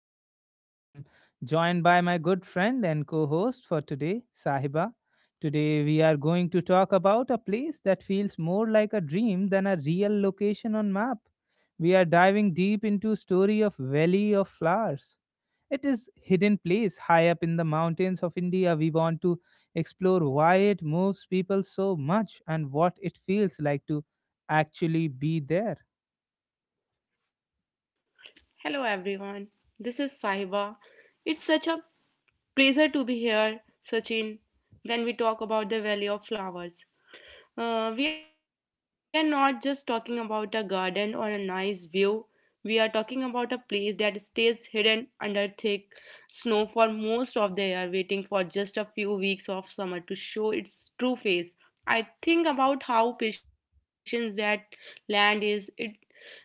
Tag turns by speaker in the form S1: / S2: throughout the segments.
S1: with us today. I'm joined by my good friend and co host for today, Sahiba. Today, we are going to talk about a place that feels more like a dream than a real location on map. We are diving deep into story of Valley of Flowers. It is hidden place high up in the mountains of India. We want to explore why it moves people so much and what it feels like to actually be there.
S2: Hello everyone, this is Sahiba. It's such a pleasure to be here, Sachin, when we talk about the Valley of Flowers. We are not just talking about a garden or a nice view, we are talking about a place that stays hidden under thick snow for most of the year, waiting for just a few weeks of summer to show its true face. I think about how patient that land is. It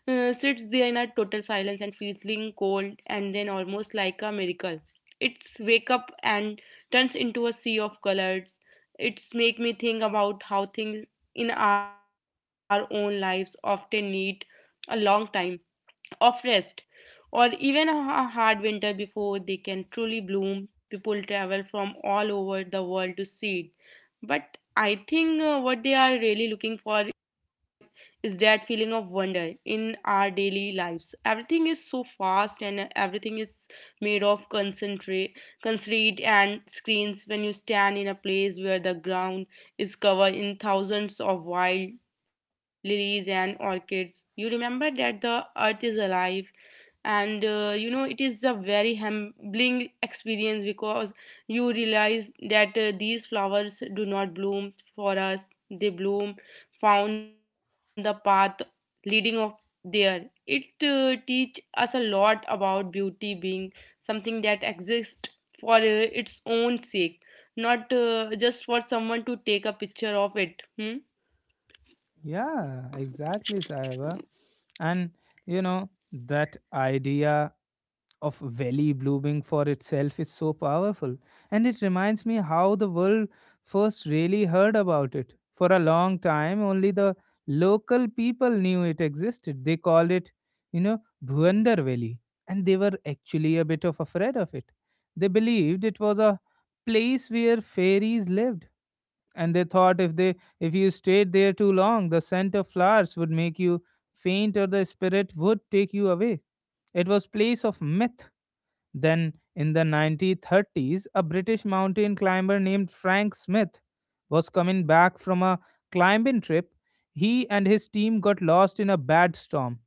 S2: sits there in a total silence and feeling cold and then almost like a miracle. It's wake up and turns into a sea of colors. It's make me think about how things in our own lives often need a long time of rest or even a hard winter before they can truly bloom. People travel from all over the world to see it. But I think what they are really looking for is that feeling of wonder in our daily lives. Everything is so fast and everything is made of concrete and screens. When you stand in a place where the ground is covered in thousands of wild lilies and orchids, you remember that the earth is alive, and you know, it is a very humbling experience because you realize that these flowers do not bloom for us, they bloom found the path leading of there. It teach us a lot about beauty being something that exists for its own sake, not just for someone to take a picture of it, hmm?
S1: Yeah, exactly, Saiba. And that idea of valley blooming for itself is so powerful. And it reminds me how the world first really heard about it. For a long time, only the local people knew it existed. They called it, you know, Bhuandar Valley. And they were actually a bit of afraid of it. They believed it was a place where fairies lived, and they thought if they if you stayed there too long, the scent of flowers would make you faint or the spirit would take you away. It was place of myth. Then in the 1930s, a British mountain climber named Frank Smith was coming back from a climbing trip. He and his team got lost in a bad storm.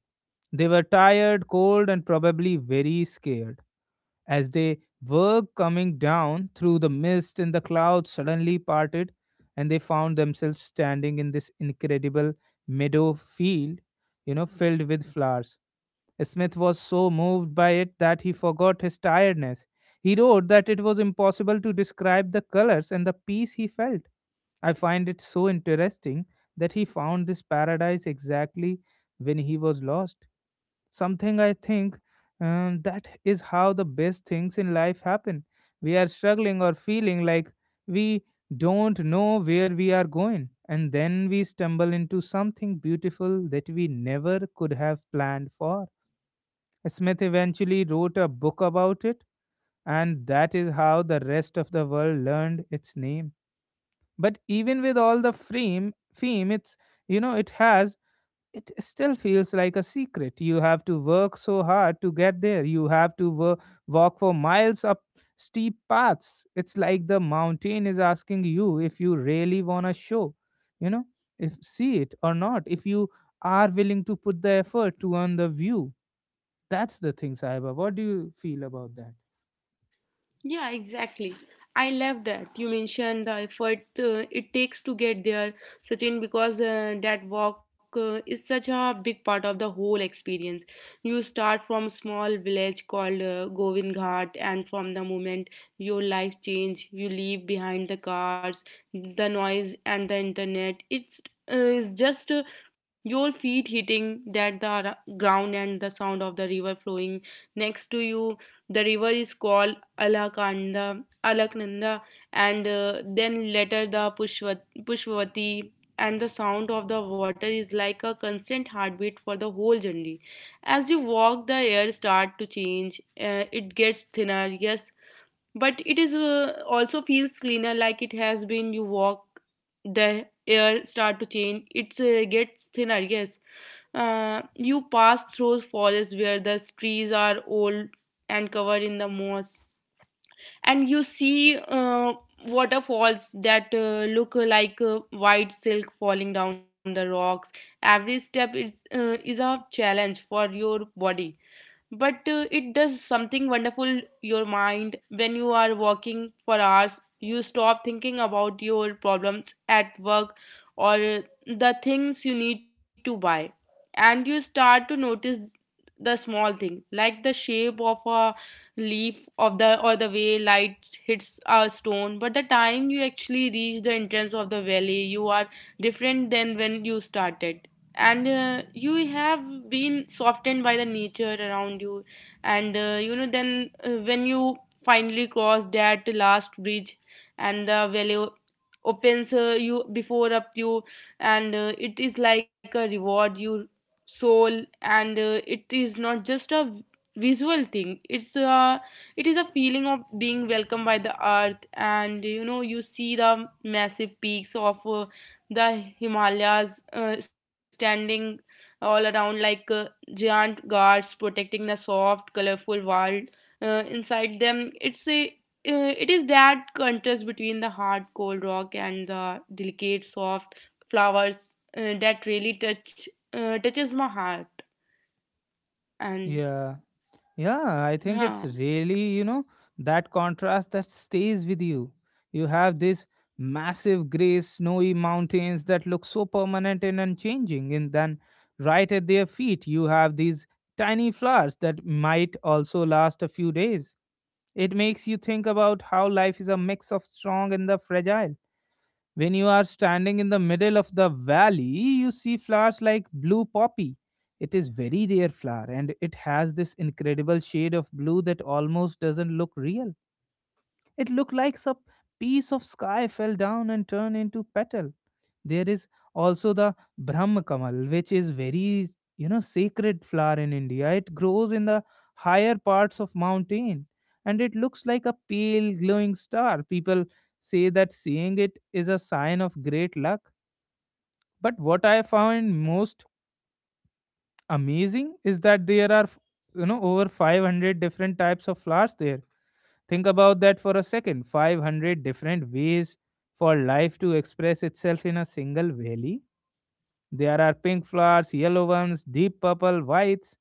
S1: They were tired, cold, and probably very scared. As they were coming down through the mist and the clouds suddenly parted, and they found themselves standing in this incredible meadow field, filled with flowers. Smith was so moved by it that he forgot his tiredness. He wrote that it was impossible to describe the colors and the peace he felt. I find it so interesting that he found this paradise exactly when he was lost, something I think, that is how the best things in life happen. We are struggling or feeling like we don't know where we are going, and then we stumble into something beautiful that we never could have planned for. Smith eventually wrote a book about it, and that is how the rest of the world learned its name. But even with all the fame, it's you know it has it still feels like a secret. You have to work so hard to get there. You have to walk for miles up steep paths. It's like the mountain is asking you if you really want to show, you know, if see it or not, if you are willing to put the effort to earn the view. That's the thing, Saiba. What do you feel about that?
S2: Yeah, exactly. I love that you mentioned the effort it takes to get there, Sachin, because that walk is such a big part of the whole experience. You start from a small village called Govind Ghat, and from the moment your life change, you leave behind the cars, the noise, and the internet. It's is just your feet hitting ground and the sound of the river flowing next to you. The river is called Alaknanda, and then later the Pushvati. And the sound of the water is like a constant heartbeat for the whole journey. As you walk, the air start to change. It gets thinner, yes, but it is also feels cleaner, like it has been. You walk, the air start to change. It gets thinner, yes. You pass through forests where the trees are old and covered in the moss, and you see waterfalls that look like white silk falling down the rocks. Every step is a challenge for your body, but it does something wonderful your mind. When you are walking for hours, you stop thinking about your problems at work or the things you need to buy, and you start to notice the small thing like the shape of a leaf of the or the way light hits a stone. But the time you actually reach the entrance of the valley, you are different than when you started, and you have been softened by the nature around you. And you know then when you finally cross that last bridge and the valley opens you before up you, and it is like a reward your soul. And it is not just a visual thing. It is a feeling of being welcomed by the earth. And you know, you see the massive peaks of the Himalayas standing all around like giant guards protecting the soft, colorful world inside them. It is that contrast between the hard cold rock and the delicate soft flowers that really touches my heart. And
S1: Yeah. Yeah, I think
S2: yeah.
S1: it's really that contrast that stays with you. You have these massive gray snowy mountains that look so permanent and unchanging, and then right at their feet, you have these tiny flowers that might also last a few days. It makes you think about how life is a mix of strong and the fragile. When you are standing in the middle of the valley, you see flowers like blue poppy. It is very rare flower, and it has this incredible shade of blue that almost doesn't look real. It looked like some piece of sky fell down and turned into petal. There is also the Brahma Kamal, which is very, sacred flower in India. It grows in the higher parts of mountain, and it looks like a pale glowing star. People say that seeing it is a sign of great luck. But what I found most amazing is that there are, over 500 different types of flowers there. Think about that for a second, 500 different ways for life to express itself in a single valley. There are pink flowers, yellow ones, deep purple, whites,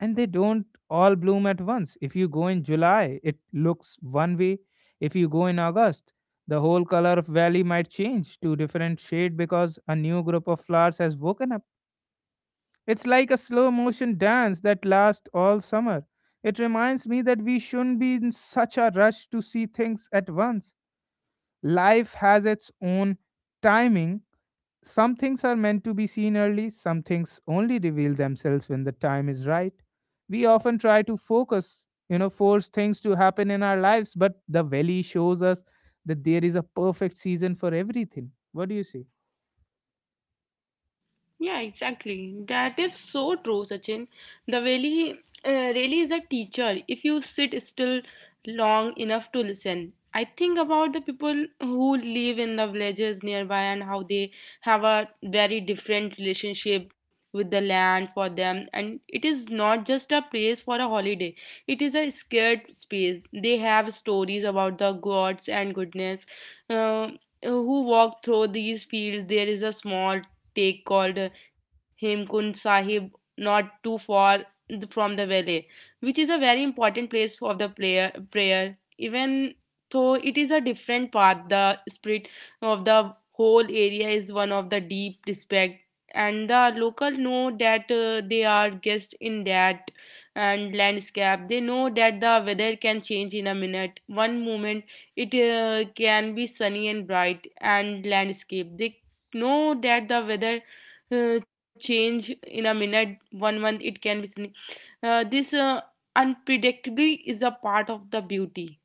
S1: and they don't all bloom at once. If you go in July, it looks one way. If you go in August, the whole color of valley might change to different shade because a new group of flowers has woken up. It's like a slow motion dance that lasts all summer. It reminds me that we shouldn't be in such a rush to see things at once. Life has its own timing. Some things are meant to be seen early, some things only reveal themselves when the time is right. We often try to focus, force things to happen in our lives, but the valley shows us that there is a perfect season for everything. What do you say?
S2: Yeah, exactly. That is so true, Sachin. The valley really is a teacher if you sit still long enough to listen. I think about the people who live in the villages nearby and how they have a very different relationship with the land. For them, and it is not just a place for a holiday, it is a scared space. They have stories about the gods and goodness uh, who walk through these fields. There is a small take called Hemkund Sahib, not too far from the valley, which is a very important place of the prayer. Even though it is a different path, the spirit of the whole area is one of the deep respect. And the local know that they are guests in that and landscape. They know that the weather can change in a minute. One moment it can be sunny and bright and landscape. They know that the weather change in a minute, one month it can be seen. This unpredictably is a part of the beauty.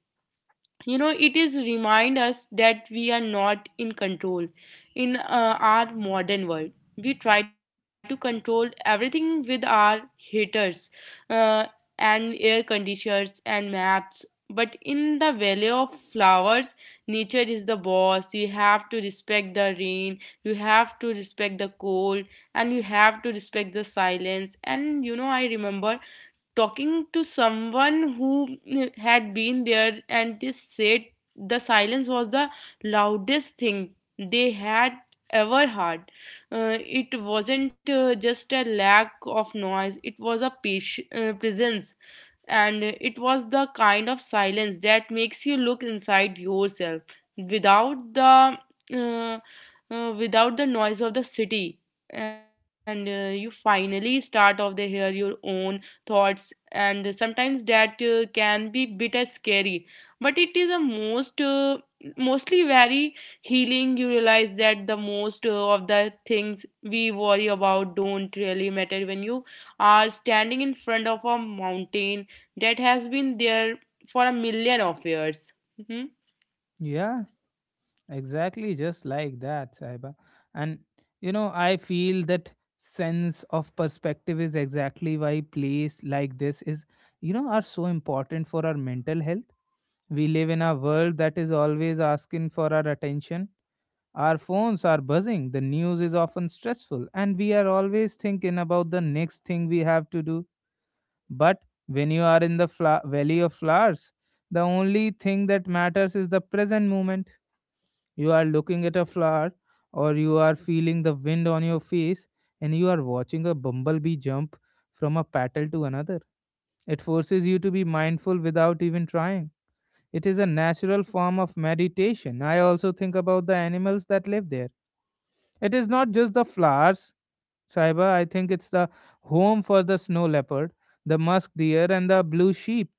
S2: You know, it is remind us that we are not in control in our modern world. We try to control everything with our heaters uh, and air conditioners and maps. But in the valley of flowers, nature is the boss. You have to respect the rain, you have to respect the cold, and you have to respect the silence. And you know, I remember talking to someone who had been there and they said the silence was the loudest thing they had ever heard. It wasn't just a lack of noise, it was a presence. And it was the kind of silence that makes you look inside yourself without the uh, without the noise of the city. And you finally start off the hear your own thoughts. And sometimes that can be bit as scary, but it is a most mostly very healing. You realize that the most of the things we worry about don't really matter when you are standing in front of a mountain that has been there for a million of years. Mhm.
S1: Yeah. Exactly, just like that, Saiba. And I feel that sense of perspective is exactly why plays like this is, are so important for our mental health. We live in a world that is always asking for our attention. Our phones are buzzing, the news is often stressful, and we are always thinking about the next thing we have to do. But when you are in the valley of flowers, the only thing that matters is the present moment. You are looking at a flower, or you are feeling the wind on your face, and you are watching a bumblebee jump from a petal to another. It forces you to be mindful without even trying. It is a natural form of meditation. I also think about the animals that live there. It is not just the flowers, Saiba. I think it's the home for the snow leopard, the musk deer, and the blue sheep.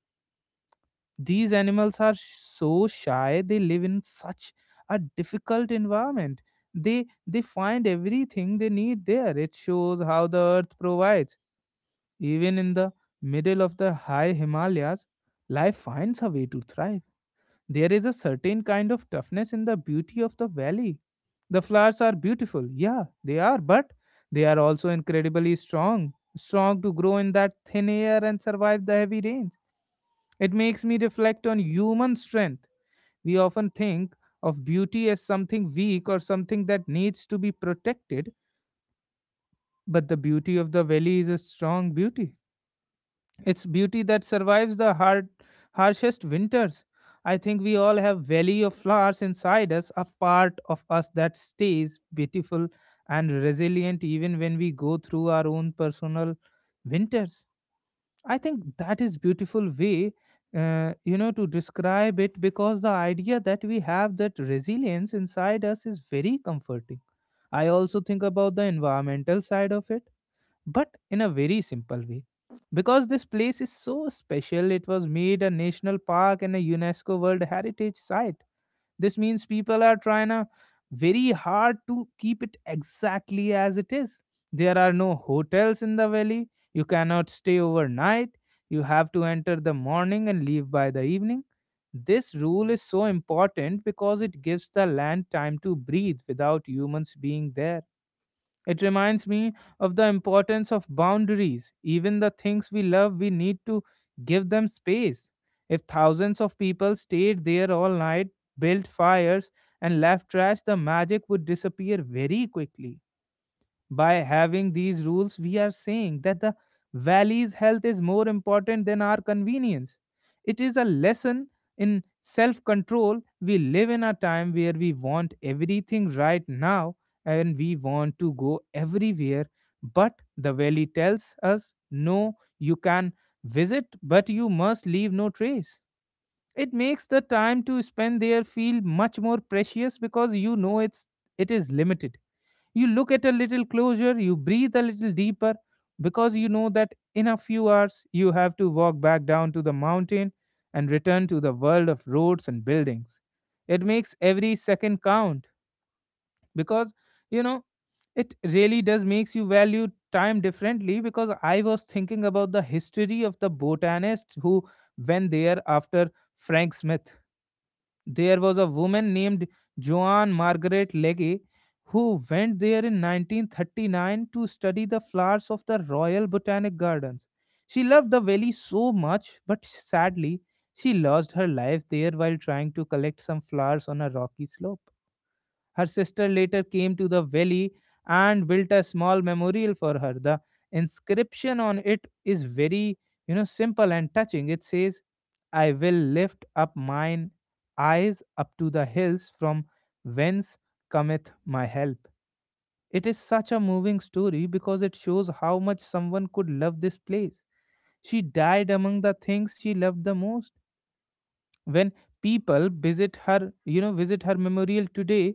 S1: These animals are so shy, they live in such a difficult environment. They find everything they need there. It shows how the earth provides. Even in the middle of the high Himalayas, life finds a way to thrive. There is a certain kind of toughness in the beauty of the valley. The flowers are beautiful, yeah, they are, but they are also incredibly strong, strong to grow in that thin air and survive the heavy rains. It makes me reflect on human strength. We often think of beauty as something weak or something that needs to be protected, but the beauty of the valley is a strong beauty. It's beauty that survives the harshest winters. I think we all have valley of flowers inside us, a part of us that stays beautiful and resilient even when we go through our own personal winters. I think that is beautiful way, to describe it, because the idea that we have that resilience inside us is very comforting. I also think about the environmental side of it, but in a very simple way. Because this place is so special, it was made a national park and a UNESCO World Heritage Site. This means people are trying a very hard to keep it exactly as it is. There are no hotels in the valley. You cannot stay overnight. You have to enter the morning and leave by the evening. This rule is so important because it gives the land time to breathe without humans being there. It reminds me of the importance of boundaries. Even the things we love, we need to give them space. If thousands of people stayed there all night, built fires, and left trash, the magic would disappear very quickly. By having these rules, we are saying that the valley's health is more important than our convenience. It is a lesson in self control. We live in a time where we want everything right now, and we want to go everywhere. But the valley tells us no, you can visit, but you must leave no trace. It makes the time to spend there feel much more precious because it is limited. You look at a little closer, you breathe a little deeper, because you know that in a few hours you have to walk back down to the mountain and return to the world of roads and buildings. It makes every second count, because you know it really does makes you value time differently, because I was thinking about the history of the botanist who went there after Frank Smith. There was a woman named Joan Margaret Legge who went there in 1939 to study the flowers of the Royal Botanic Gardens. She loved the valley so much, but sadly, she lost her life there while trying to collect some flowers on a rocky slope. Her sister later came to the valley and built a small memorial for her. The inscription on it is very, simple and touching. It says, I will lift up mine eyes up to the hills from whence cometh my help. It is such a moving story because it shows how much someone could love this place. She died among the things she loved the most when people visit her, visit her memorial today.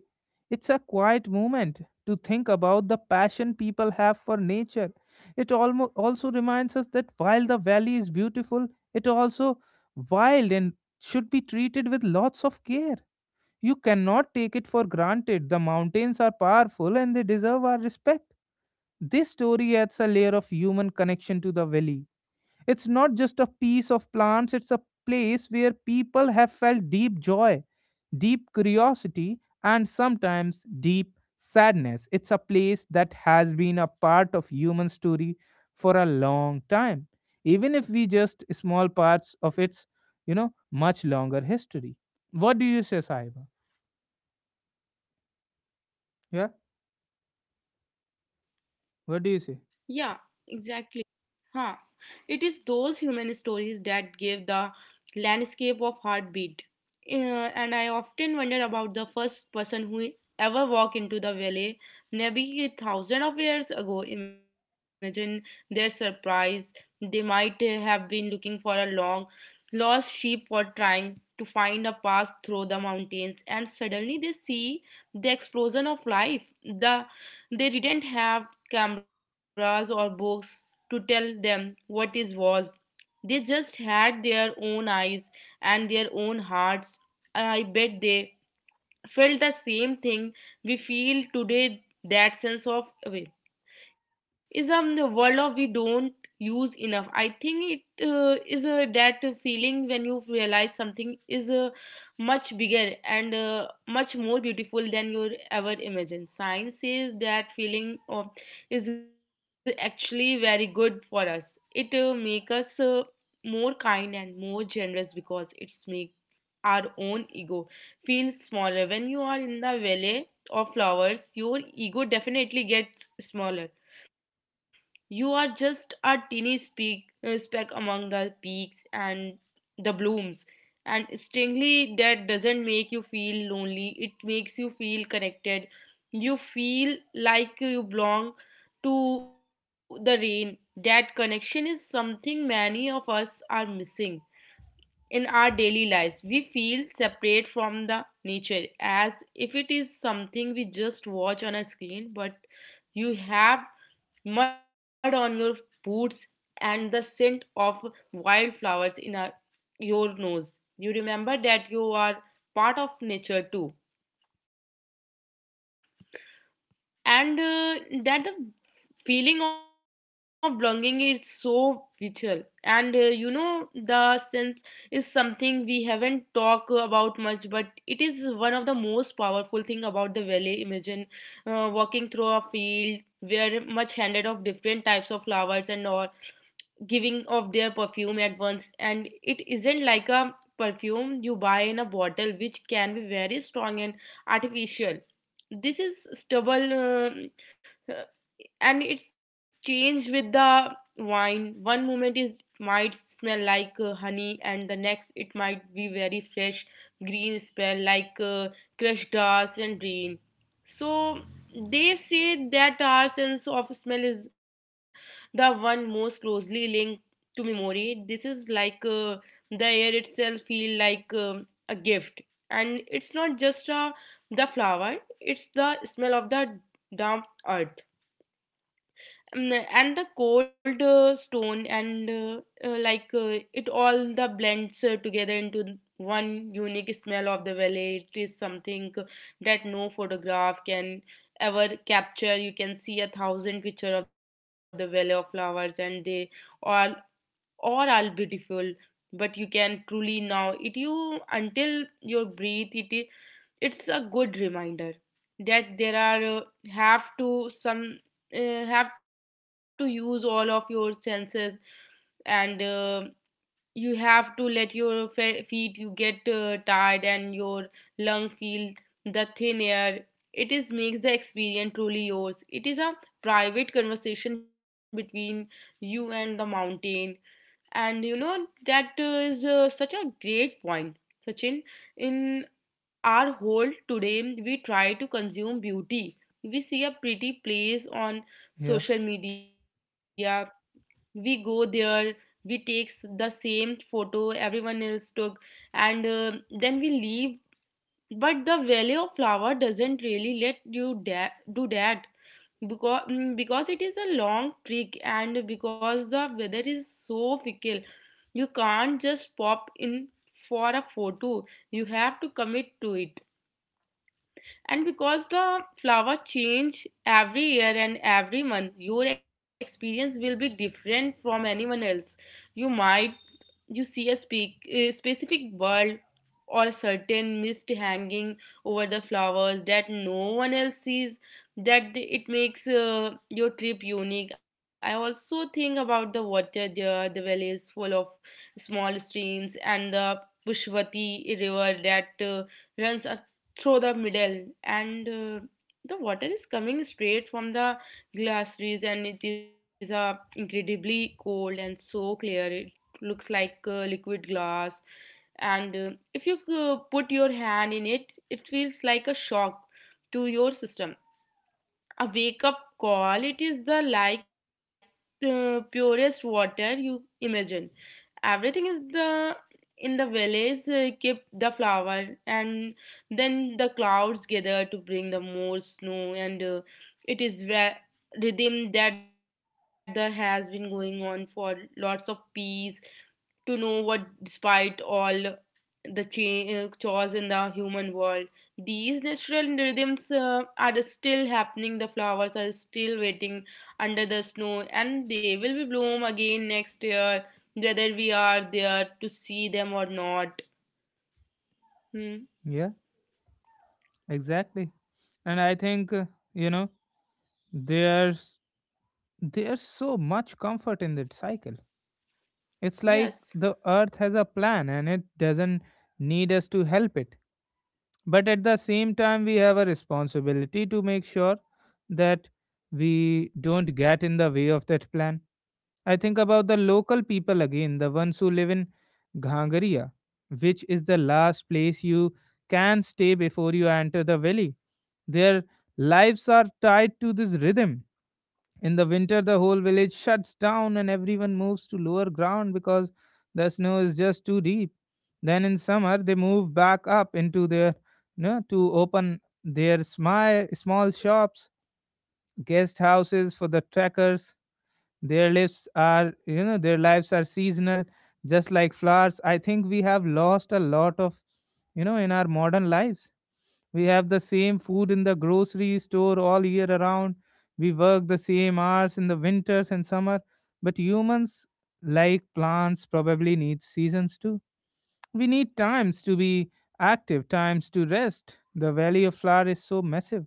S1: It's a quiet moment to think about the passion people have for nature. It almost also reminds us that while the valley is beautiful, it also wild and should be treated with lots of care. You cannot take it for granted. The mountains are powerful and they deserve our respect. This story adds a layer of human connection to the valley. It's not just a piece of plants, it's a place where people have felt deep joy, deep curiosity, and sometimes deep sadness. It's a place that has been a part of human story for a long time, even if we just small parts of its, much longer history. What do you say, Saiba? Yeah, what do you
S2: Yeah,
S1: say?
S2: exactly. Huh. It is those human stories that give the landscape of heartbeat. And I often wonder about the first person who ever walked into the valley, maybe a thousand of years ago. Imagine their surprise. They might have been looking for a long lost sheep for trying to find a path through the mountains, and suddenly they see the explosion of life. The they didn't have cameras or books to tell them what is was. They just had their own eyes and their own hearts. I bet they felt the same thing we feel today. That sense of awe is the word of we don't use enough. I think it is that feeling when you realize something is much bigger and much more beautiful than you ever imagined. Science says that feeling of, is actually very good for us. It makes us more kind and more generous because it's make our own ego feel smaller. When you are in the valley of flowers, your ego definitely gets smaller. You are just a tiny speck among the peaks and the blooms. And strangely, that doesn't make you feel lonely, it makes you feel connected. You feel like you belong to the rain. That connection is something many of us are missing. In our daily lives, we feel separate from the nature as if it is something we just watch on a screen, but you have mud on your boots and the scent of wildflowers in your nose. You remember that you are part of nature too. And that the feeling of belonging is so vital. And you know, the sense is something we haven't talked about much, but it is one of the most powerful thing about the valley. Imagine walking through a field where much handed of different types of flowers and all giving of their perfume at once. And it isn't like a perfume you buy in a bottle, which can be very strong and artificial. This is stubble uh, and it's changed with the wine. One moment is might smell like honey, and the next it might be very fresh green smell like crushed grass and rain. So they say that our sense of smell is the one most closely linked to memory. This is like the air itself feel like a gift. And it's not just the flower. It's the smell of the damp earth, and the cold stone, and it all the blends together into one unique smell of the valley. It is something that no photograph can ever capture. You can see a thousand picture of the valley of flowers and they all or I'll beautiful. But you can truly now it you until your breathe it is it's a good reminder that there are have to some uh, have to use all of your senses and you have to let your feet you get tired and your lung feel the thin air it is makes the experience truly yours. It is a private conversation between you and the mountain. And you know, that is such a great point, Sachin. In our whole today, we try to consume beauty. We see a pretty place on
S1: Yeah,
S2: social media, we go there, we take the same photo everyone else took, and then we leave. But the value of flower doesn't really let you do that, because because it is a long trek and because the weather is so fickle. You can't just pop in for a photo, you have to commit to it. And because the flowers change every year and every month, your experience will be different from anyone else. You might you see a, speak, a specific world or a certain mist hanging over the flowers that no one else sees. That it makes your trip unique. I also think about the water there. The valley is full of small streams and the Pushvati river that runs through the middle, and the water is coming straight from the glaciers, and it is incredibly cold and so clear. Looks like liquid glass. And if you put your hand in it, it feels like a shock to your system, a wake up call. It is the like the purest water you imagine. Everything is the in the village keep the flower, and then the clouds gather to bring the more snow, and it is where rhythm that the has been going on for lots of peace. To know what despite all the chores in the human world, these natural rhythms are still happening. The flowers are still waiting under the snow, and they will be bloom again next year, whether we are there to see them or not. Hmm.
S1: yeah, exactly. And I think, you know, there's there's so much comfort in that cycle. It's like
S2: Yes.
S1: the earth has a plan and it doesn't need us to help it. But at the same time, we have a responsibility to make sure that we don't get in the way of that plan. I think about the local people again, the ones who live in Ghangaria, which is the last place you can stay before you enter the valley. Their lives are tied to this rhythm. In the winter, the whole village shuts down and everyone moves to lower ground because the snow is just too deep. Then in summer, they move back up into their, to open their small shops, guest houses for the trekkers. Their lives are, their lives are seasonal, just like flowers. I think we have lost a lot of, in our modern lives, we have the same food in the grocery store all year around. We work the same hours in the winters and summer, but humans, like plants, probably need seasons too. We need times to be active, times to rest. The valley of flower is so massive,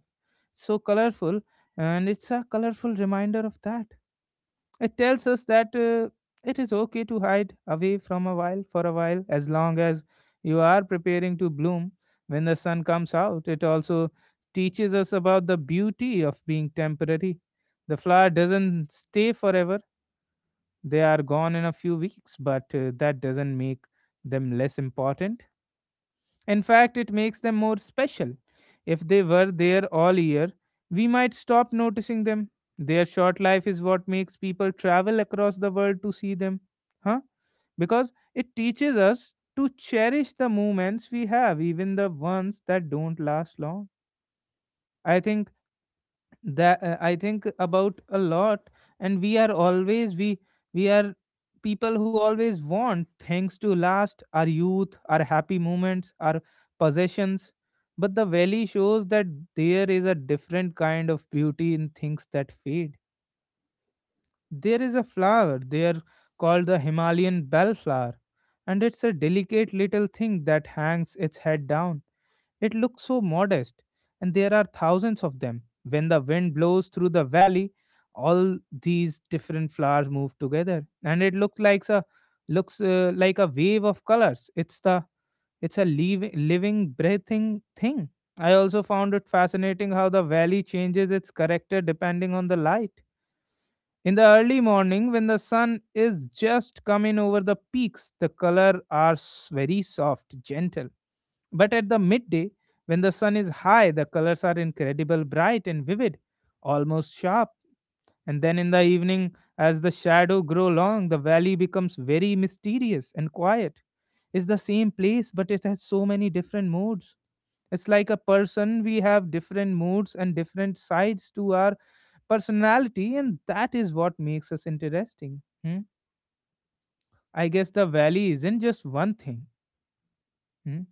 S1: so colorful, and it's a colorful reminder of that. It tells us that it is okay to hide away from a while for a while as long as you are preparing to bloom when the sun comes out. It also teaches us about the beauty of being temporary. The flower doesn't stay forever, they are gone in a few weeks, but that doesn't make them less important. In fact, it makes them more special. If they were there all year, we might stop noticing them. Their short life is what makes people travel across the world to see them. Huh? Because it teaches us to cherish the moments we have, even the ones that don't last long. I think that I think about a lot. And we are people who always want things to last, our youth, our happy moments, our possessions. But the valley shows that there is a different kind of beauty in things that fade. There is a flower there called the himalayan bellflower, and it's a delicate little thing that hangs its head down. It looks so modest, and there are thousands of them. When the wind blows through the valley, all these different flowers move together, and it looks like a wave of colors. It's a living, breathing thing. I also found it fascinating how the valley changes its character depending on the light. In the early morning, when the sun is just coming over the peaks, the colors are very soft, gentle, but at the midday, when the sun is high, the colors are incredible bright and vivid, almost sharp. And then in the evening, as the shadow grow long, the valley becomes very mysterious and quiet. It's the same place, but it has so many different moods. It's like a person, we have different moods and different sides to our personality, and that is what makes us interesting. Hmm? I guess the valley isn't just one thing. Hmm?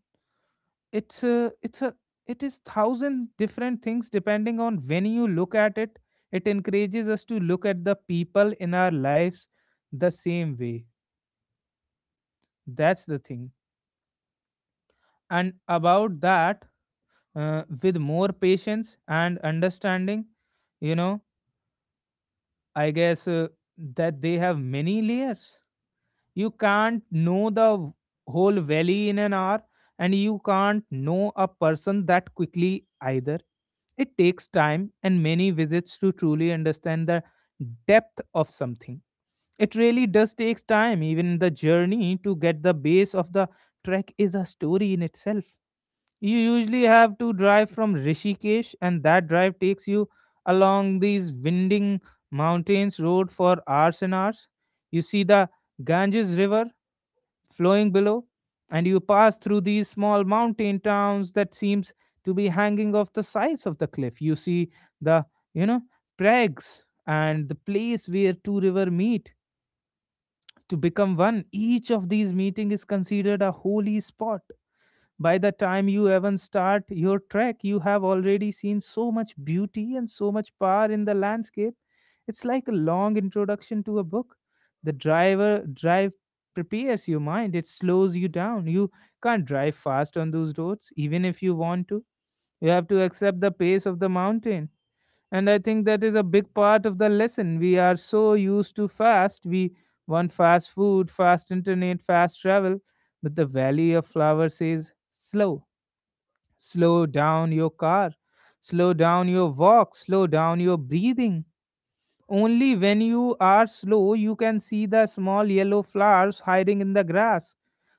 S1: It's a it is thousand different things depending on when you look at it. It encourages us to look at the people in our lives the same way. That's the thing. And about that, with more patience and understanding, you know I guess that they have many layers. You can't know the whole valley in an hour, and you can't know a person that quickly either. It takes time and many visits to truly understand the depth of something. It really does takes time. Even the journey to get the base of the trek is a story in itself. You usually have to drive from Rishikesh, and that drive takes you along these winding mountains road for hours and hours. You see the Ganges river flowing below, and you pass through these small mountain towns that seems to be hanging off the sides of the cliff. You see the, you know prags and the place where two river meet to become one. Each of these meeting is considered a holy spot. By the time you even start your trek, you have already seen so much beauty and so much power in the landscape. It's like a long introduction to a book. The drive prepares your mind, it slows you down. You can't drive fast on those roads, even if you want to. You have to accept the pace of the mountain. And I think that is a big part of the lesson. We are so used to fast. We want fast food, fast internet, fast travel. But the Valley of Flowers is slow. Slow down your car, slow down your walk, slow down your breathing. Only when you are slow, you can see the small yellow flowers hiding in the grass.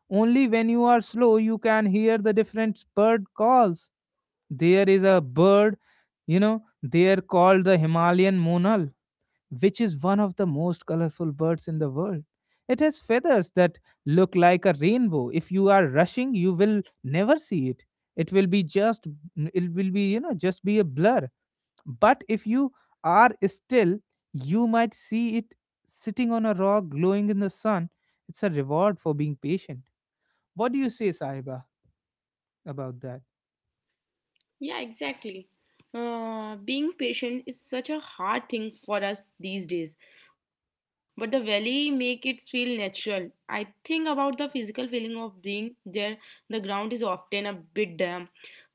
S1: Only when you are slow, you can hear the different bird calls. There is a bird, they are called the Himalayan monal, which is one of the most colorful birds in the world. It has feathers that look like a rainbow. If you are rushing, you will never see it. It will be just, it will be, just be a blur. But if you are still, you might see it sitting on a rock glowing in the sun. It's a reward for being patient. What do you say, Sahiba, about that?
S2: Yeah, exactly. Being patient is such a hard thing for us these days, but the valley make it feel natural. I think about the physical feeling of being there. The ground is often a bit damp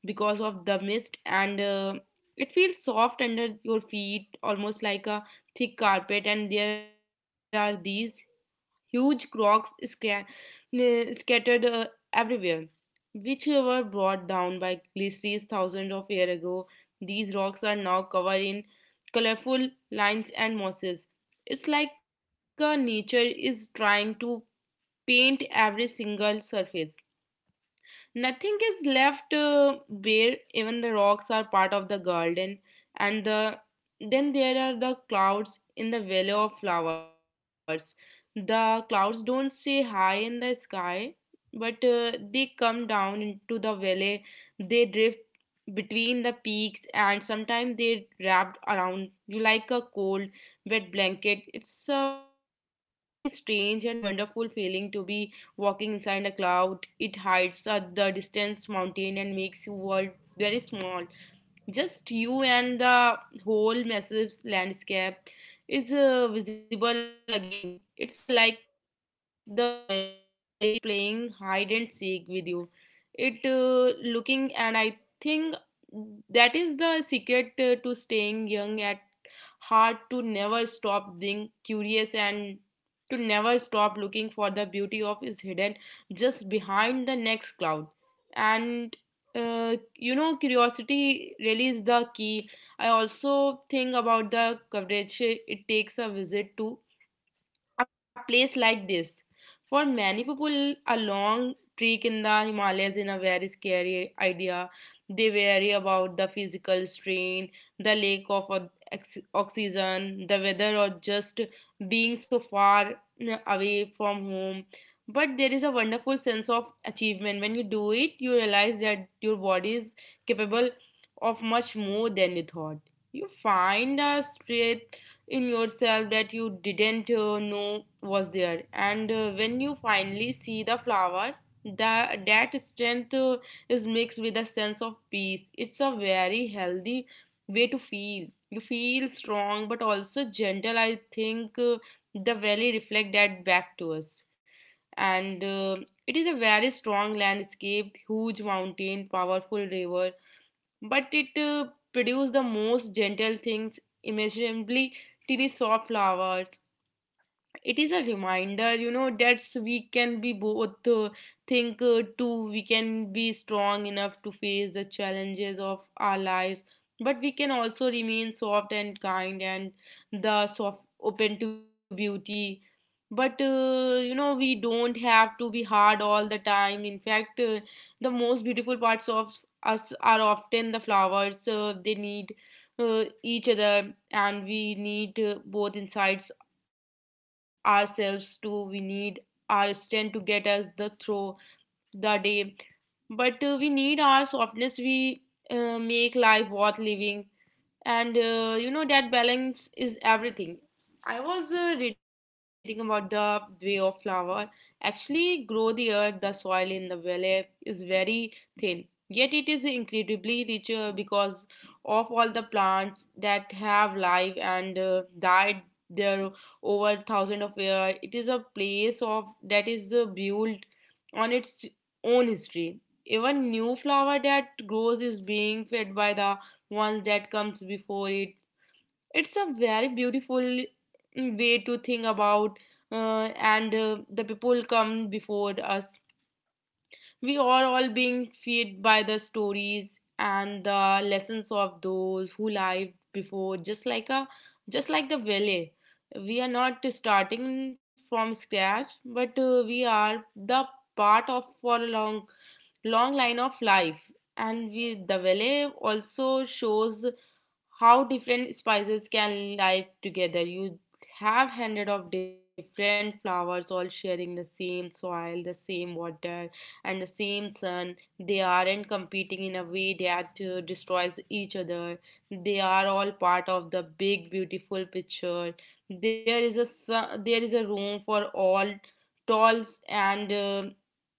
S2: because of the mist, and it feels soft under your feet, almost like a thick carpet. And there are these huge rocks scattered everywhere, which were brought down by glaciers thousands of years ago. These rocks are now covered in colorful lines and mosses. It's like nature is trying to paint every single surface. Nothing is left bare, even the rocks are part of the garden, and the, then there are the clouds in the valley of flowers. The clouds don't stay high in the sky, but they come down into the valley, they drift between the peaks, and sometimes they wrap around you like a cold, wet blanket. It's a very strange and wonderful feeling to be walking inside a cloud. It hides the distant mountain and makes your world very small. Just you and the whole massive landscape is visible again. It's like the valley is playing hide and seek with you. It looking and I think that is the secret to staying young at heart, to never stop being curious and to never stop looking for the beauty of is hidden just behind the next cloud. And you know, curiosity really is the key. I also think about the coverage it takes a visit to a place like this. For many people, a long trek in the Himalayas is a very scary idea. They worry about the physical strain, the lack of oxygen, the weather, or just being so far away from home. But there is a wonderful sense of achievement. When you do it, you realize that your body is capable of much more than you thought. You find a strength in yourself that you didn't know was there. And when you finally see the flower, that strength is mixed with a sense of peace. It's a very healthy way to feel. You feel strong but also gentle. I think the valley reflect that back to us, and it is a very strong landscape, huge mountain, powerful river, but it produced the most gentle things imaginably, tiny soft flowers. It is a reminder, you know, that we can be both think too. We can be strong enough to face the challenges of our lives, but we can also remain soft and kind and the soft open to beauty. But you know, we don't have to be hard all the time. In fact, the most beautiful parts of us are often the flowers they need each other, and we need both insides ourselves too. We need our strength to get us the through the day, but we need our softness we make life worth living. And you know, that balance is everything. I was reading about the way of flower actually grow. The earth, the soil in the valley is very thin, yet it is incredibly richer because of all the plants that have lived and died there over thousands of years. It is a place of that is built on its own history. Even new flower that grows is being fed by the once that comes before it. It's a very beautiful way to think about and the people come before us. We are all being fed by the stories and the lessons of those who lived before. Just like a just like the valley, we are not starting from scratch, but we are the part of for a long, long line of life. And we the valley also shows how different spices can live together. You have hundred of different flowers all sharing the same soil, the same water, and the same sun. They aren't competing in a way that destroys each other. They are all part of the big beautiful picture. There there is a room for all talls and.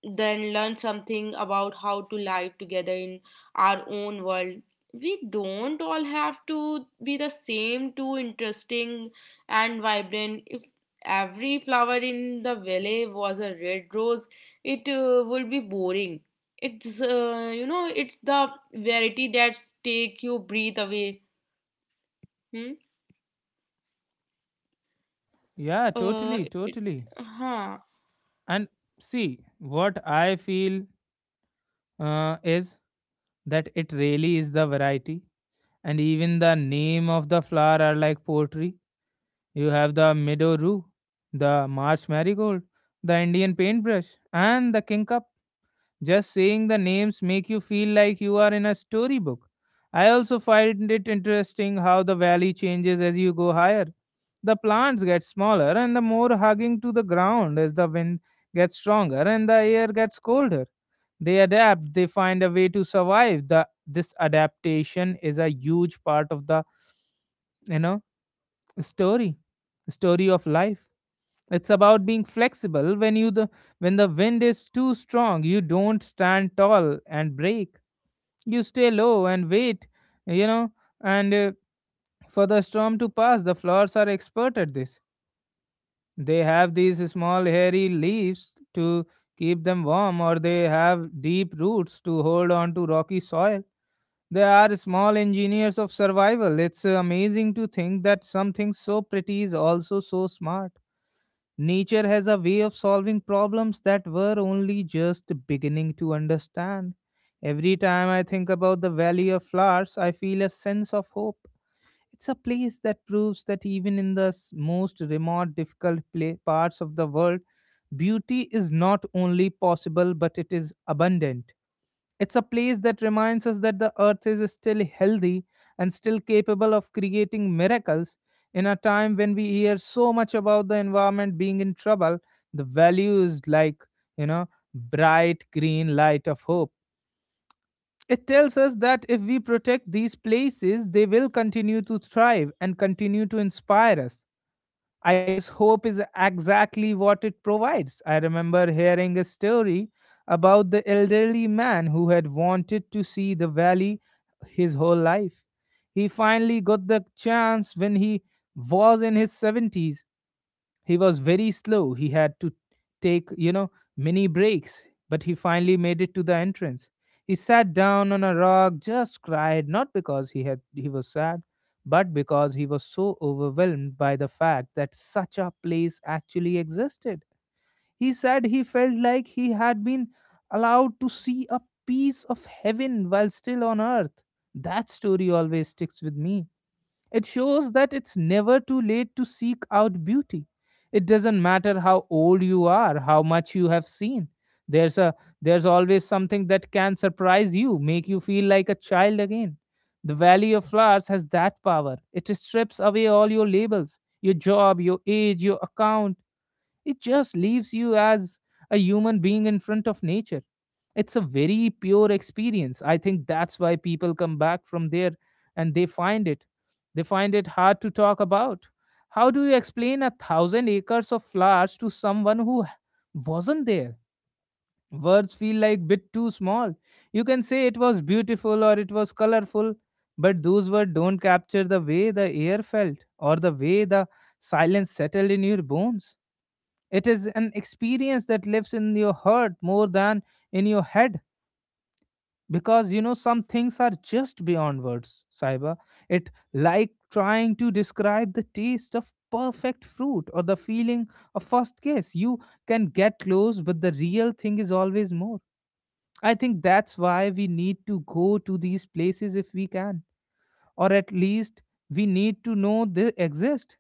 S2: Then learn something about how to live together in our own world. We don't all have to be the same too interesting and vibrant. If every flower in the valley was a red rose, it would be boring. It's you know, it's the variety that take you breathe away. Hmm?
S1: Yeah, totally,
S2: It,
S1: totally.
S2: huh
S1: And see, what I feel is that it really is the variety. And even the name of the flower are like poetry. You have the meadow rue, the marsh marigold, the indian paintbrush and the kingcup. Just saying the names make you feel like you are in a storybook. I also find it interesting how the valley changes as you go higher. The plants get smaller and the more hugging to the ground as the wind gets stronger and the air gets colder. They adapt, they find a way to survive. The This adaptation is a huge part of the, you know, story, story of life. It's about being flexible. When the wind is too strong, you don't stand tall and break, you stay low and wait, you know and for the storm to pass. The flowers are expert at this. They have these small hairy leaves to keep them warm, or they have deep roots to hold on to rocky soil. They are small engineers of survival. It's amazing to think that something so pretty is also so smart. Nature has a way of solving problems that were only just beginning to understand. Every time I think about the Valley of Flowers, I feel a sense of hope. It's a place that proves that even in the most remote, difficult parts of the world, beauty is not only possible but it is abundant. It's a place that reminds us that the earth is still healthy and still capable of creating miracles. In a time when we hear so much about the environment being in trouble, the value is like, you know, bright green light of hope. It tells us that if we protect these places, they will continue to thrive and continue to inspire us. I guess hope is exactly what it provides. I remember hearing a story about the elderly man who had wanted to see the valley his whole life. He finally got the chance when he was in his 70s. He was very slow. He had to take, many breaks, but he finally made it to the entrance. He sat down on a rock, just cried, not because he was sad, but because he was so overwhelmed by the fact that such a place actually existed. He said he felt like he had been allowed to see a piece of heaven while still on earth. That story always sticks with me. It shows that it's never too late to seek out beauty. It doesn't matter how old you are, how much you have seen. There's a there's always something that can surprise you, make you feel like a child again. The Valley of Flowers has that power. It strips away all your labels, your job, your age, your account, it just leaves you as a human being in front of nature. It's a very pure experience. I think that's why people come back from there and they find it. They find it hard to talk about. How do you explain a thousand acres of flowers to someone who wasn't there? Words feel like bit too small. You can say it was beautiful or it was colorful, but those words don't capture the way the air felt or the way the silence settled in your bones. It is an experience that lives in your heart more than in your head because you know some things are just beyond words, Saiba. It like trying to describe the taste of perfect fruit or the feeling of first kiss. You can get close, but the real thing is always more. I think that's why we need to go to these places if we can, or at least we need to know they exist.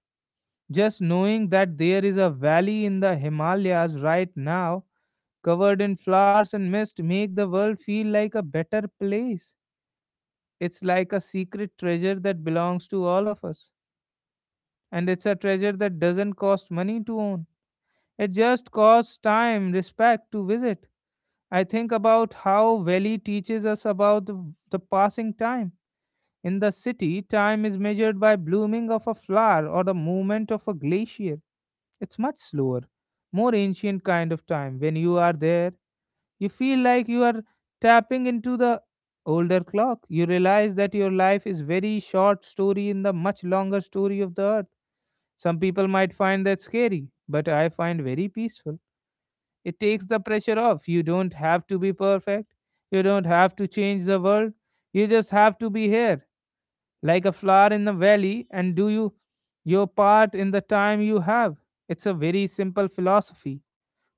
S1: Just knowing that there is a valley in the Himalayas right now covered in flowers and mist, make the world feel like a better place. It's like a secret treasure that belongs to all of us. And it's a treasure that doesn't cost money to own. It just costs time, respect to visit. I think about how Valley teaches us about the passing time. In the city, time is measured by blooming of a flower or the movement of a glacier. It's much slower, more ancient kind of time. When you are there, you feel like you are tapping into the older clock. You realize that your life is very short story in the much longer story of the earth. Some people might find that scary, but I find very peaceful. It takes the pressure off. You don't have to be perfect. You don't have to change the world. You just have to be here, like a flower in the valley, and do you your part in the time you have. It's a very simple philosophy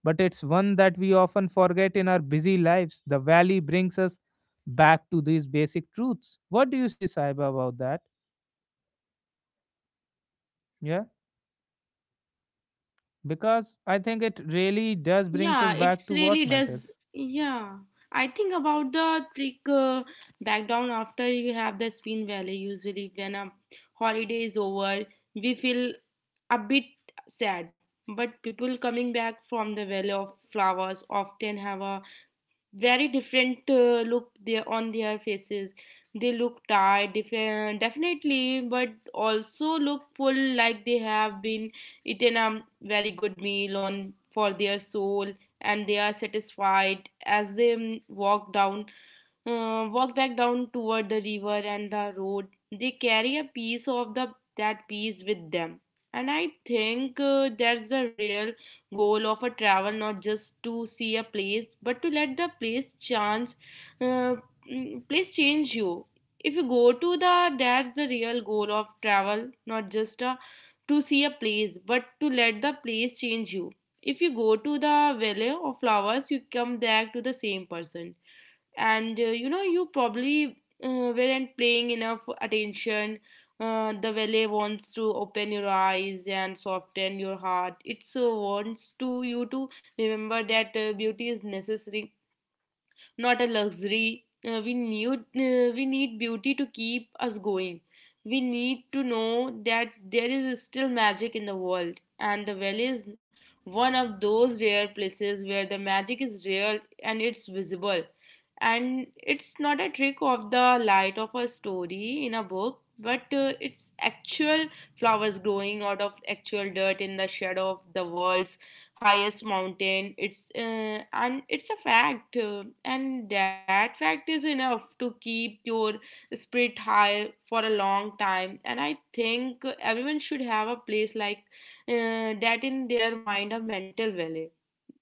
S1: but it's one that we often forget in our busy lives. The valley brings us back to these basic truths. What do you say, Saiba, about that? Yeah, because I think it really does brings
S2: Yeah,
S1: us back
S2: it's
S1: to
S2: really
S1: what
S2: does.
S1: matters.
S2: Yeah, I think about the trick back down after you have the spin valley. Usually, when a holiday is over, we feel a bit sad. But people coming back from the valley of flowers often have a very different look there on their faces. They look tired, different, definitely, but also look full, like they have been eaten a very good meal on for their soul, and they are satisfied as they walk back down toward the river and the road. They carry a piece of the that piece with them, and I think that's the real goal of a travel, not just to see a place, but to let the place change uh, place change you. If you go to the that's the real goal of travel, not just a to see a place, but to let the place change you. If you go to the valley of flowers, you come back to the same person. And you know, you probably uh, weren't paying enough attention. The valley wants to open your eyes and soften your heart. It so wants to you to remember that beauty is necessary, not a luxury. We need we need beauty to keep us going. We need to know that there is still magic in the world, and the well is one of those rare places where the magic is real and it's visible. And it's not a trick of the light of a story in a book, but it's actual flowers growing out of actual dirt in the shadow of the world's highest mountain. It's And it's a fact, and that fact is enough to keep your spirit high for a long time. And I think everyone should have a place like that in their mind, a mental valley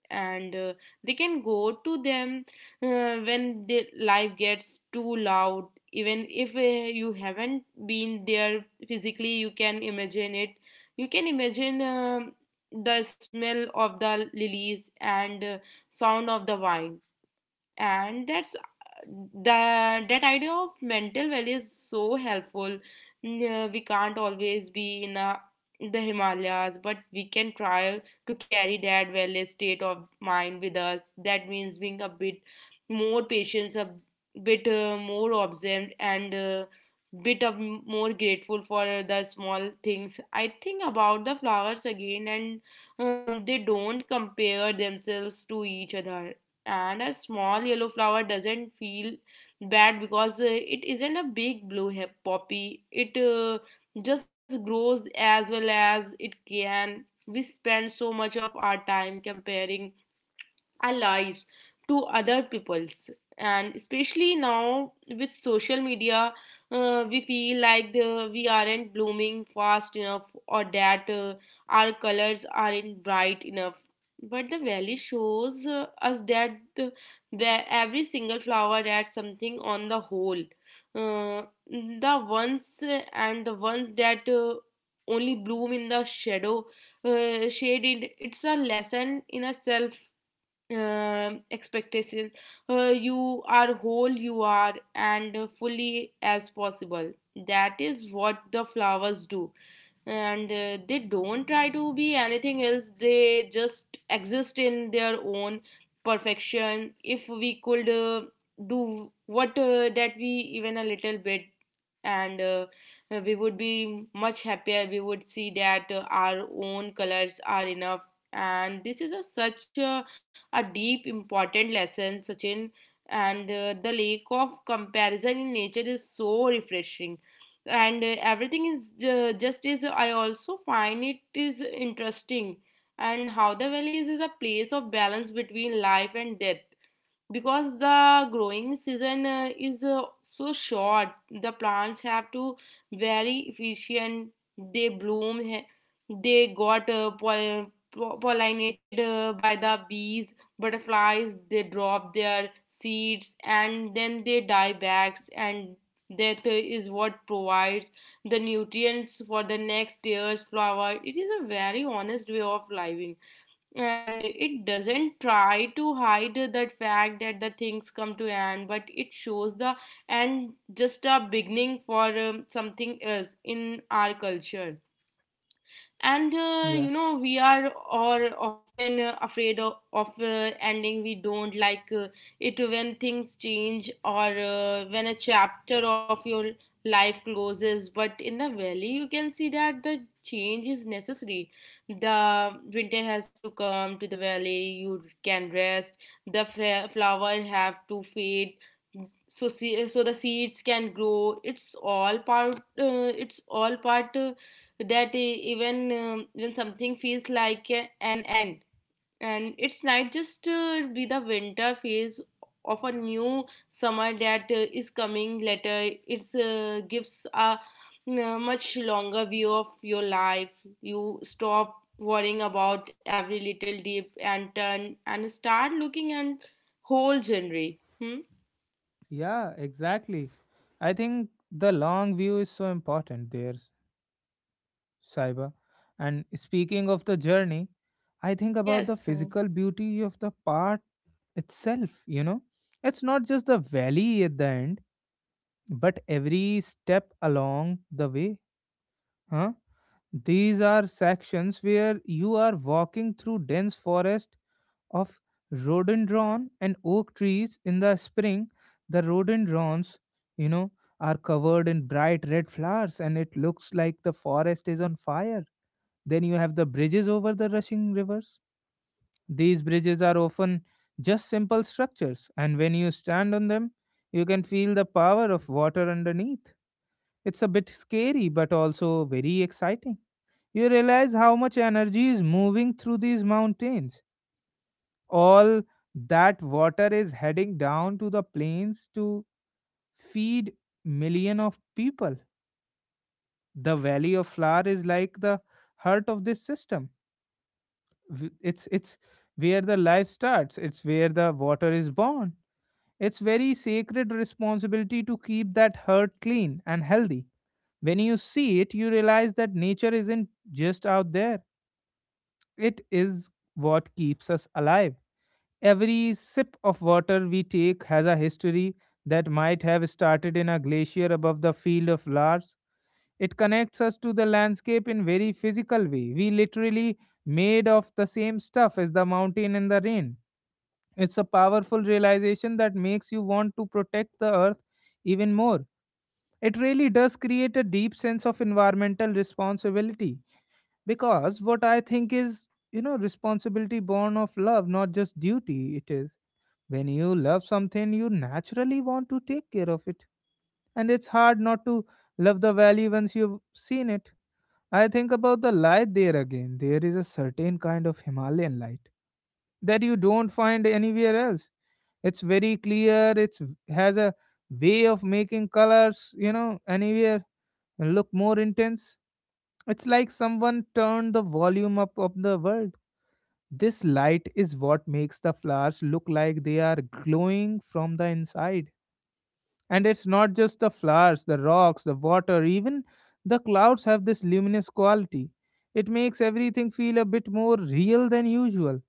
S2: and they can go to them when the life gets too loud, even if you haven't been there physically, you can imagine it. You can imagine the smell of the lilies and sound of the wine. And that idea of mental well is so helpful. We can't always be in the Himalayas, but we can try to carry that wellness state of mind with us. That means being a bit more patient, a bit more observant, and bit more grateful for the small things. I think about the flowers again, and they don't compare themselves to each other. And a small yellow flower doesn't feel bad because it isn't a big blue poppy. It just grows as well as it can. We spend so much of our time comparing allies to other peoples, and especially now with social media, we feel like we aren't blooming fast enough, or that our colors aren't bright enough. But the valley shows us that every single flower adds something on the whole. Uh, the ones uh, and the ones that only bloom in the shadow, shade, it's a lesson in itself. Expectations. You are whole, you are, and fully as possible. That is what the flowers do. And they don't try to be anything else, they just exist in their own perfection. If we could do what that we, even a little bit, and we would be much happier. We would see that our own colors are enough. And this is a such a deep, important lesson, Sachin. And the lack of comparison in nature is so refreshing. And everything is just is. I also find it is interesting, and how the valley is a place of balance between life and death, because the growing season is so short. The plants have to very efficient. They bloom, he- they got pol- po- pollinated by the bees, butterflies. They drop their seeds and then they die back, and that is what provides the nutrients for the next year's flower. It is a very honest way of living, and it doesn't try to hide that fact that the things come to end, but it shows the end just a beginning for something else. In our culture, and you
S1: Yeah,
S2: know, we are or often afraid of ending. We don't like it when things change, or when a chapter of your life closes. But in the valley, you can see that the change is necessary. The winter has to come to the valley, you can rest. The flower have to fade, so the seeds can grow. It's all part that even when something feels like an end, and it's not just be the winter phase of a new summer that is coming later. It's gives a much longer view of your life. You stop worrying about every little dip and turn and start looking at whole genre. Hmm?
S1: yeah, exactly. I think the long view is so important there, Saiba. And speaking of the journey, I think about the
S2: Yes.
S1: physical beauty of the part itself, you know. It's not just the valley at the end, but every step along the way, huh? These are sections where you are walking through dense forest of rhododendron and oak trees in the spring. The rhododendrons, you know, are covered in bright red flowers and it looks like the forest is on fire. Then you have the bridges over the rushing rivers. These bridges are often just simple structures, and when you stand on them, you can feel the power of water underneath. It's a bit scary, but also very exciting. You realize how much energy is moving through these mountains. All that water is heading down to the plains to feed million of people. The Valley of Flower is like the heart of this system. It's where the life starts. It's where the water is born. It's very sacred responsibility to keep that heart clean and healthy. When you see it, you realize that nature isn't just out there, it is what keeps us alive. Every sip of water we take has a history that might have started in a glacier above the field of Lars. It connects us to the landscape in very physical way. We literally made of the same stuff as the mountain and the rain. It's a powerful realization that makes you want to protect the earth even more. It really does create a deep sense of environmental responsibility. Because what I think is, you know, responsibility born of love not just duty. It is when you love something you naturally want to take care of it, and it's hard not to love the valley once you've seen it. I think about the light there again. There is a certain kind of Himalayan light that you don't find anywhere else. It's very clear. It's has a way of making colors, you know, anywhere look more intense. It's like someone turned the volume up of the world. This light is what makes the flowers look like they are glowing from the inside. And it's not just the flowers, the rocks, the water, even the clouds have this luminous quality. It makes everything feel a bit more real than usual.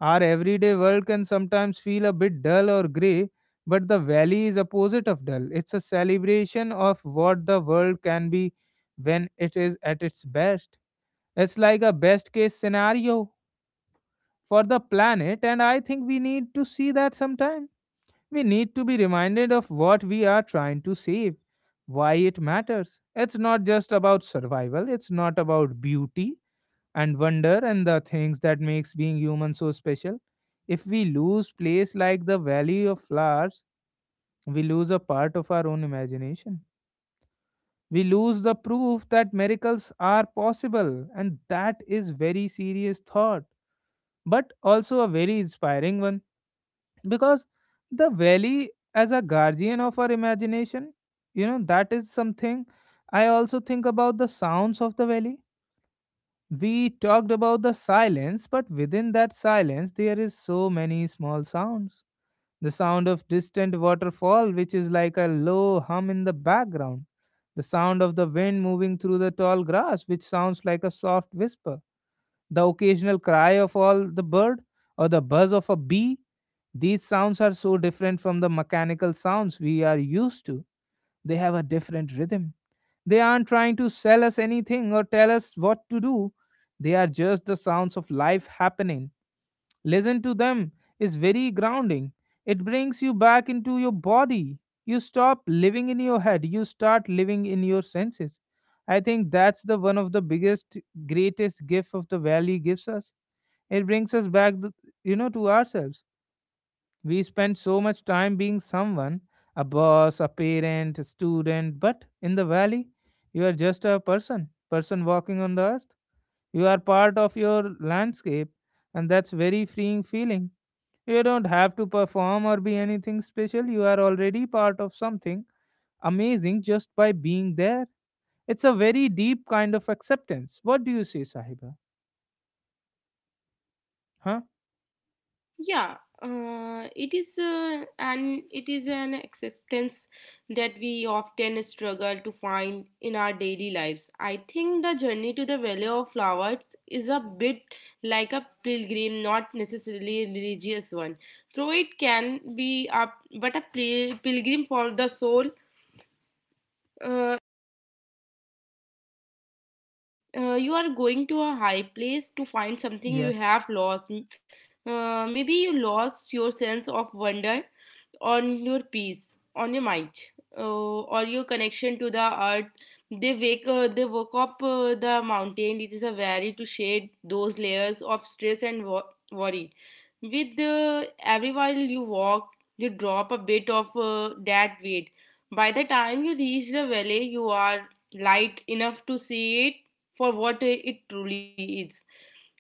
S1: Our everyday world can sometimes feel a bit dull or grey, but the valley is opposite of dull. It's a celebration of what the world can be when it is at its best. It's like a best case scenario for the planet, and I think we need to see that sometime. We need to be reminded of what we are trying to save, why it matters. It's not just about survival, it's not about beauty and wonder and the things that makes being human so special. If we lose place like the valley of flowers, we lose a part of our own imagination. We lose the proof that miracles are possible, and that is very serious thought. But also a very inspiring one, because the valley as a guardian of our imagination, you know, that is something. I also think about the sounds of the valley. We talked about the silence, but within that silence there is so many small sounds. The sound of distant waterfall which is like a low hum in the background, the sound of the wind moving through the tall grass which sounds like a soft whisper, the occasional cry of all the bird or the buzz of a bee. These sounds are so different from the mechanical sounds we are used to. They have a different rhythm. They aren't trying to sell us anything or tell us what to do. They are just the sounds of life happening. Listen to them is very grounding. It brings you back into your body. You stop living in your head, you start living in your senses. I think that's the one of the biggest greatest gift of the valley gives us. It brings us back, you know, to ourselves. We spend so much time being someone, a boss, a parent, a student, but in the valley, you are just a person, person walking on the earth. You are part of your landscape, and that's very freeing feeling. You don't have to perform or be anything special. You are already part of something amazing just by being there. It's a very deep kind of acceptance. What do you say, Sahiba? Huh?
S2: Yeah, it is, and it is an acceptance that we often struggle to find in our daily lives. I think the journey to the valley of flowers is a bit like a pilgrim, not necessarily a religious one, though it can be a, but a pilgrim for the soul. uh, you are going to a high place to find something you have lost. Maybe you lost your sense of wonder, on your peace, on your mind, uh, or your connection to the earth. They woke up the mountain. It is a very to shed those layers of stress and worry. With every while you walk, you drop a bit of that weight. By the time you reach the valley, you are light enough to see it for what it truly is.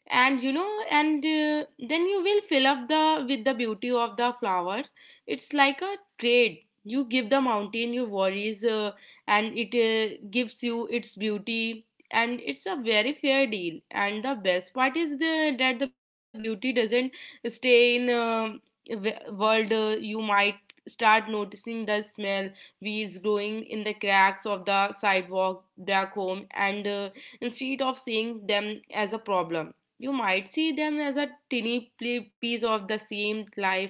S2: And you know, and then you will fill up the with the beauty of the flower. It's like a trade: you give the mountain your worries, and it gives you its beauty. And it's a very fair deal. And the best part is that the beauty doesn't stay in world. You might start noticing the smell, weeds growing in the cracks of the sidewalk back home, and instead of seeing them as a problem, you might see them as a tiny piece of the same life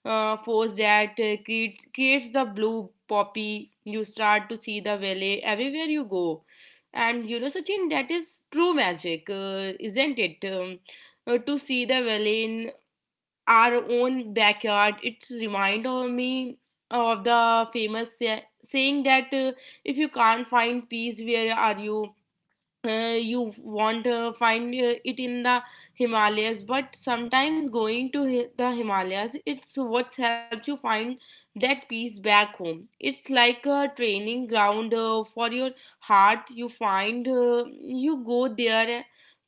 S2: force that creates the blue poppy. You start to see the valley everywhere you go. And you know, Sachin, that is true magic, isn't it? To see the valley in our own backyard, it's remind of me of the famous saying that if you can't find peace, where are you? You want to find it in the Himalayas, but sometimes going to the Himalayas, it's what helps you find that peace back home. It's like a training ground for your heart. You go there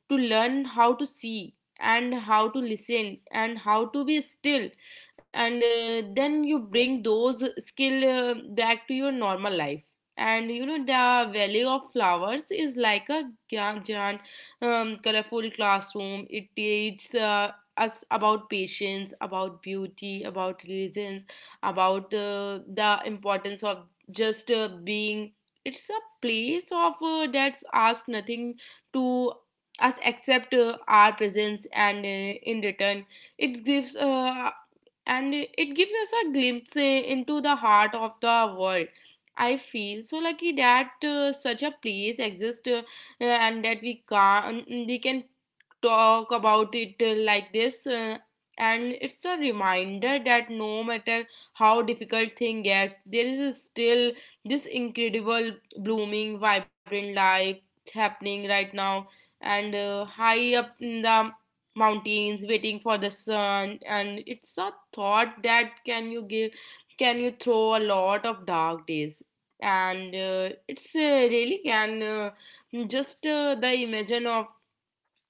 S2: to learn how to see and how to listen and how to be still, and then you bring those skill back to your normal life. And you know, the valley of flowers is like a giant colorful classroom. It teaches us about patience, about beauty, about religions, about the importance of just being. It's a place of that's asked nothing to us except our presence, and in return it gives and it gives us a glimpse into the heart of the world. I feel so lucky that such a place exists, and that we can talk about it like this. And it's a reminder that no matter how difficult thing gets, there is still this incredible blooming vibrant life happening right now, and high up in the mountains, waiting for the sun. And it's a thought that can you give, can you throw a lot of dark days. And it's really can, just the imagine of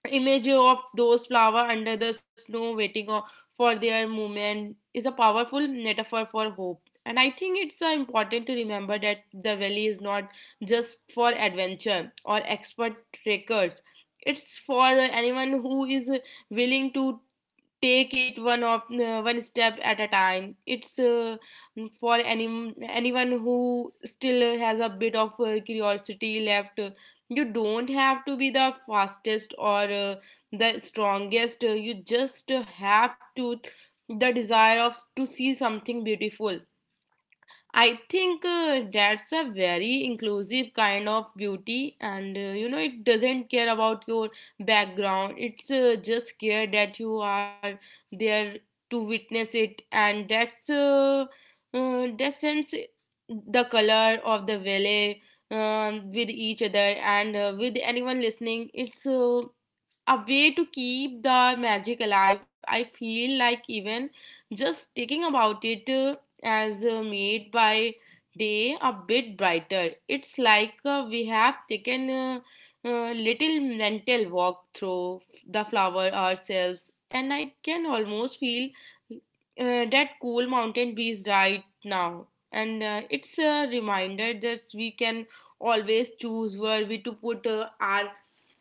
S2: image of those flower under the snow waiting for their moment, is a powerful metaphor for hope. And I think it's important to remember that the valley is not just for adventure or expert trekkers. It's for anyone who is willing to take it one of one step at a time. It's for anyone who still has a bit of curiosity left. You don't have to be the fastest or the strongest. You just have to the desire of to see something beautiful. I think that's a very inclusive kind of beauty, and you know, it doesn't care about your background. It's just care that you are there to witness it. And that's that sense, the color of the valley, with each other and with anyone listening. It's a way to keep the magic alive. I feel like even just thinking about it, as made by day a bit brighter. It's like we have taken a little mental walk through the flower ourselves, and I can almost feel that cool mountain breeze right now. And it's a reminder that we can always choose where we to put our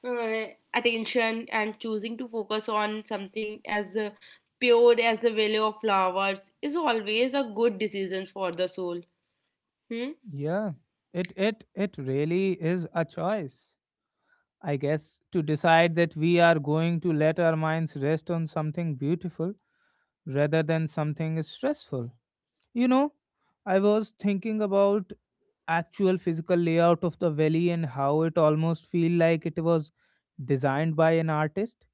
S2: uh, attention. And choosing to focus on something as pure as the value of flowers is always a good decision for the soul. Hmm?
S1: Yeah, it really is a choice, I guess, to decide that we are going to let our minds rest on something beautiful rather than something stressful. You know, I was thinking about actual physical layout of the valley and how it almost feel like it was designed by an artist.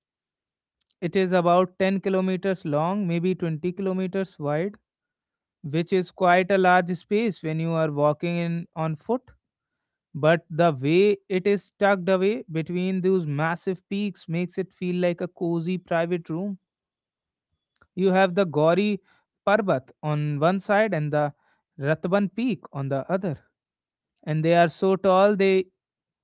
S1: It is about 10 kilometers long, maybe 20 kilometers wide, which is quite a large space when you are walking in on foot. But the way it is tucked away between those massive peaks makes it feel like a cozy private room. You have the Gauri Parbat on one side and the Ratban Peak on the other. And they are so tall they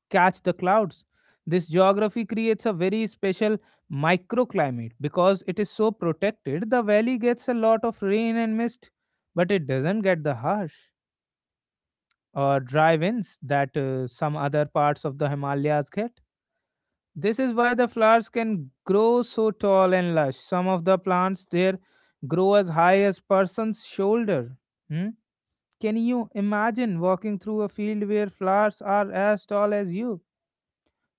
S1: catch the clouds. This geography creates a very special microclimate because it is so protected. The valley gets a lot of rain and mist, but it doesn't get the harsh or dry winds that some other parts of the Himalayas get. This is why the flowers can grow so tall and lush. Some of the plants there grow as high as person's shoulder. Hmm? Can you imagine walking through a field where flowers are as tall as you?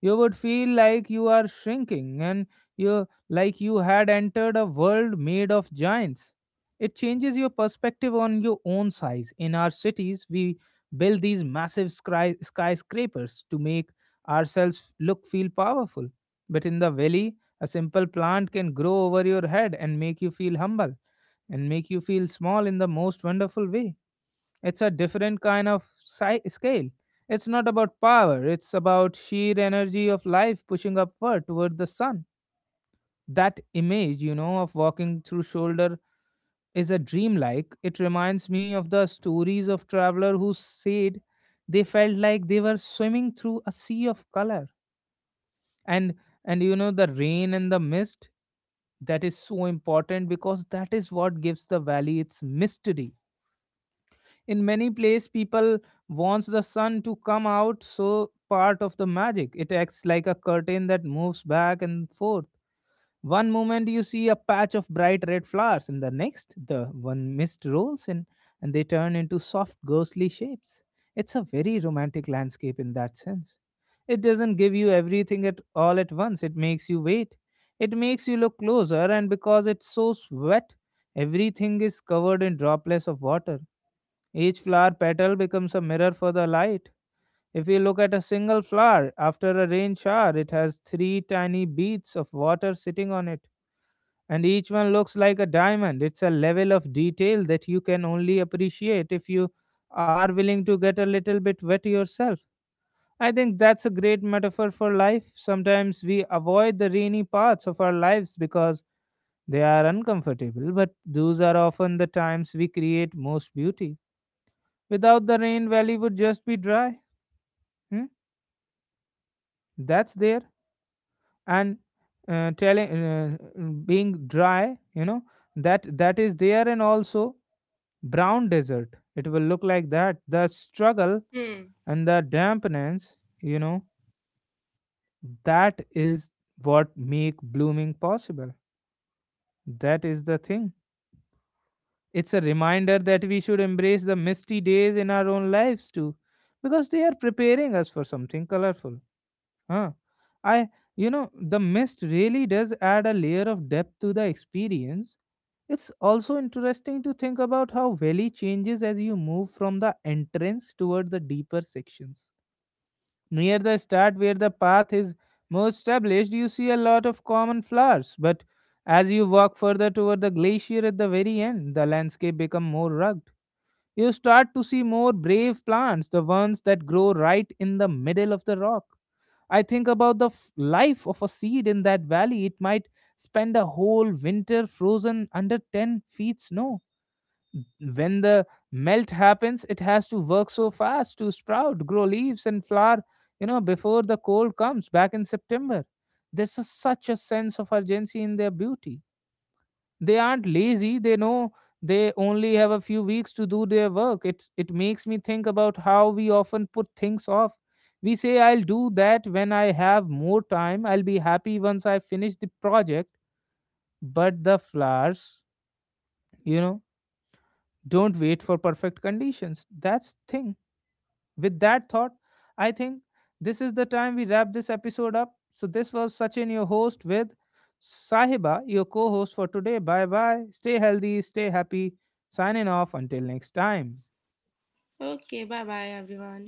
S1: You would feel like you are shrinking and you like you had entered a world made of giants. It changes your perspective on your own size. In our cities we build these massive skyscrapers to make ourselves look feel powerful, but in the valley a simple plant can grow over your head and make you feel humble and make you feel small in the most wonderful way. It's a different kind of scale. It's not about power, it's about sheer energy of life pushing upward toward the sun. That image, you know, of walking through shoulder is a dreamlike. It reminds me of the stories of traveler who said they felt like they were swimming through a sea of color. And and you know the rain and the mist, that is so important because that is what gives the valley its mystery. In many places people wants the sun to come out, so part of the magic it acts like a curtain that moves back and forth. One moment you see a patch of bright red flowers and the next the one mist rolls in, and they turn into soft ghostly shapes. It's a very romantic landscape in that sense. It doesn't give you everything at all at once. It makes you wait. It makes you look closer. And because it's so wet, everything is covered in droplets of water. Each flower petal becomes a mirror for the light. If we look at a single flower after a rain shower, it has three tiny beads of water sitting on it, and each one looks like a diamond. It's a level of detail that you can only appreciate if you are willing to get a little bit wet yourself. I think that's a great metaphor for life. Sometimes we avoid the rainy parts of our lives because they are uncomfortable, but those are often the times we create most beauty. Without the rain, valley would just be dry. Hmm? That's there, and telling being dry, you know, that that is there and also brown desert. It will look like that. The struggle
S2: Hmm.
S1: and the dampness, you know, that is what make blooming possible. That is the thing. It's a reminder that we should embrace the misty days in our own lives too, because they are preparing us for something colorful. Huh. I, you know, the mist really does add a layer of depth to the experience. It's also interesting to think about how valley changes as you move from the entrance toward the deeper sections. Near the start, where the path is more established, you see a lot of common flowers, but as you walk further toward the glacier at the very end, the landscape becomes more rugged. You start to see more brave plants, the ones that grow right in the middle of the rock. I think about the life of a seed in that valley. It might spend a whole winter frozen under 10 feet snow. When the melt happens, it has to work so fast to sprout, grow leaves, and flower, you know, before the cold comes back in September. There's a, such a sense of urgency in their beauty. They aren't lazy. They know they only have a few weeks to do their work. It makes me think about how we often put things off. We say I'll do that when I have more time, I'll be happy once I finish the project. But the flowers, you know, don't wait for perfect conditions. That's thing. With that thought, I think this is the time we wrap this episode up. So, this was Sachin, your host, with Sahiba, your co host for today. Bye bye. Stay healthy, stay happy. Signing off until next time.
S2: Okay, bye bye, everyone.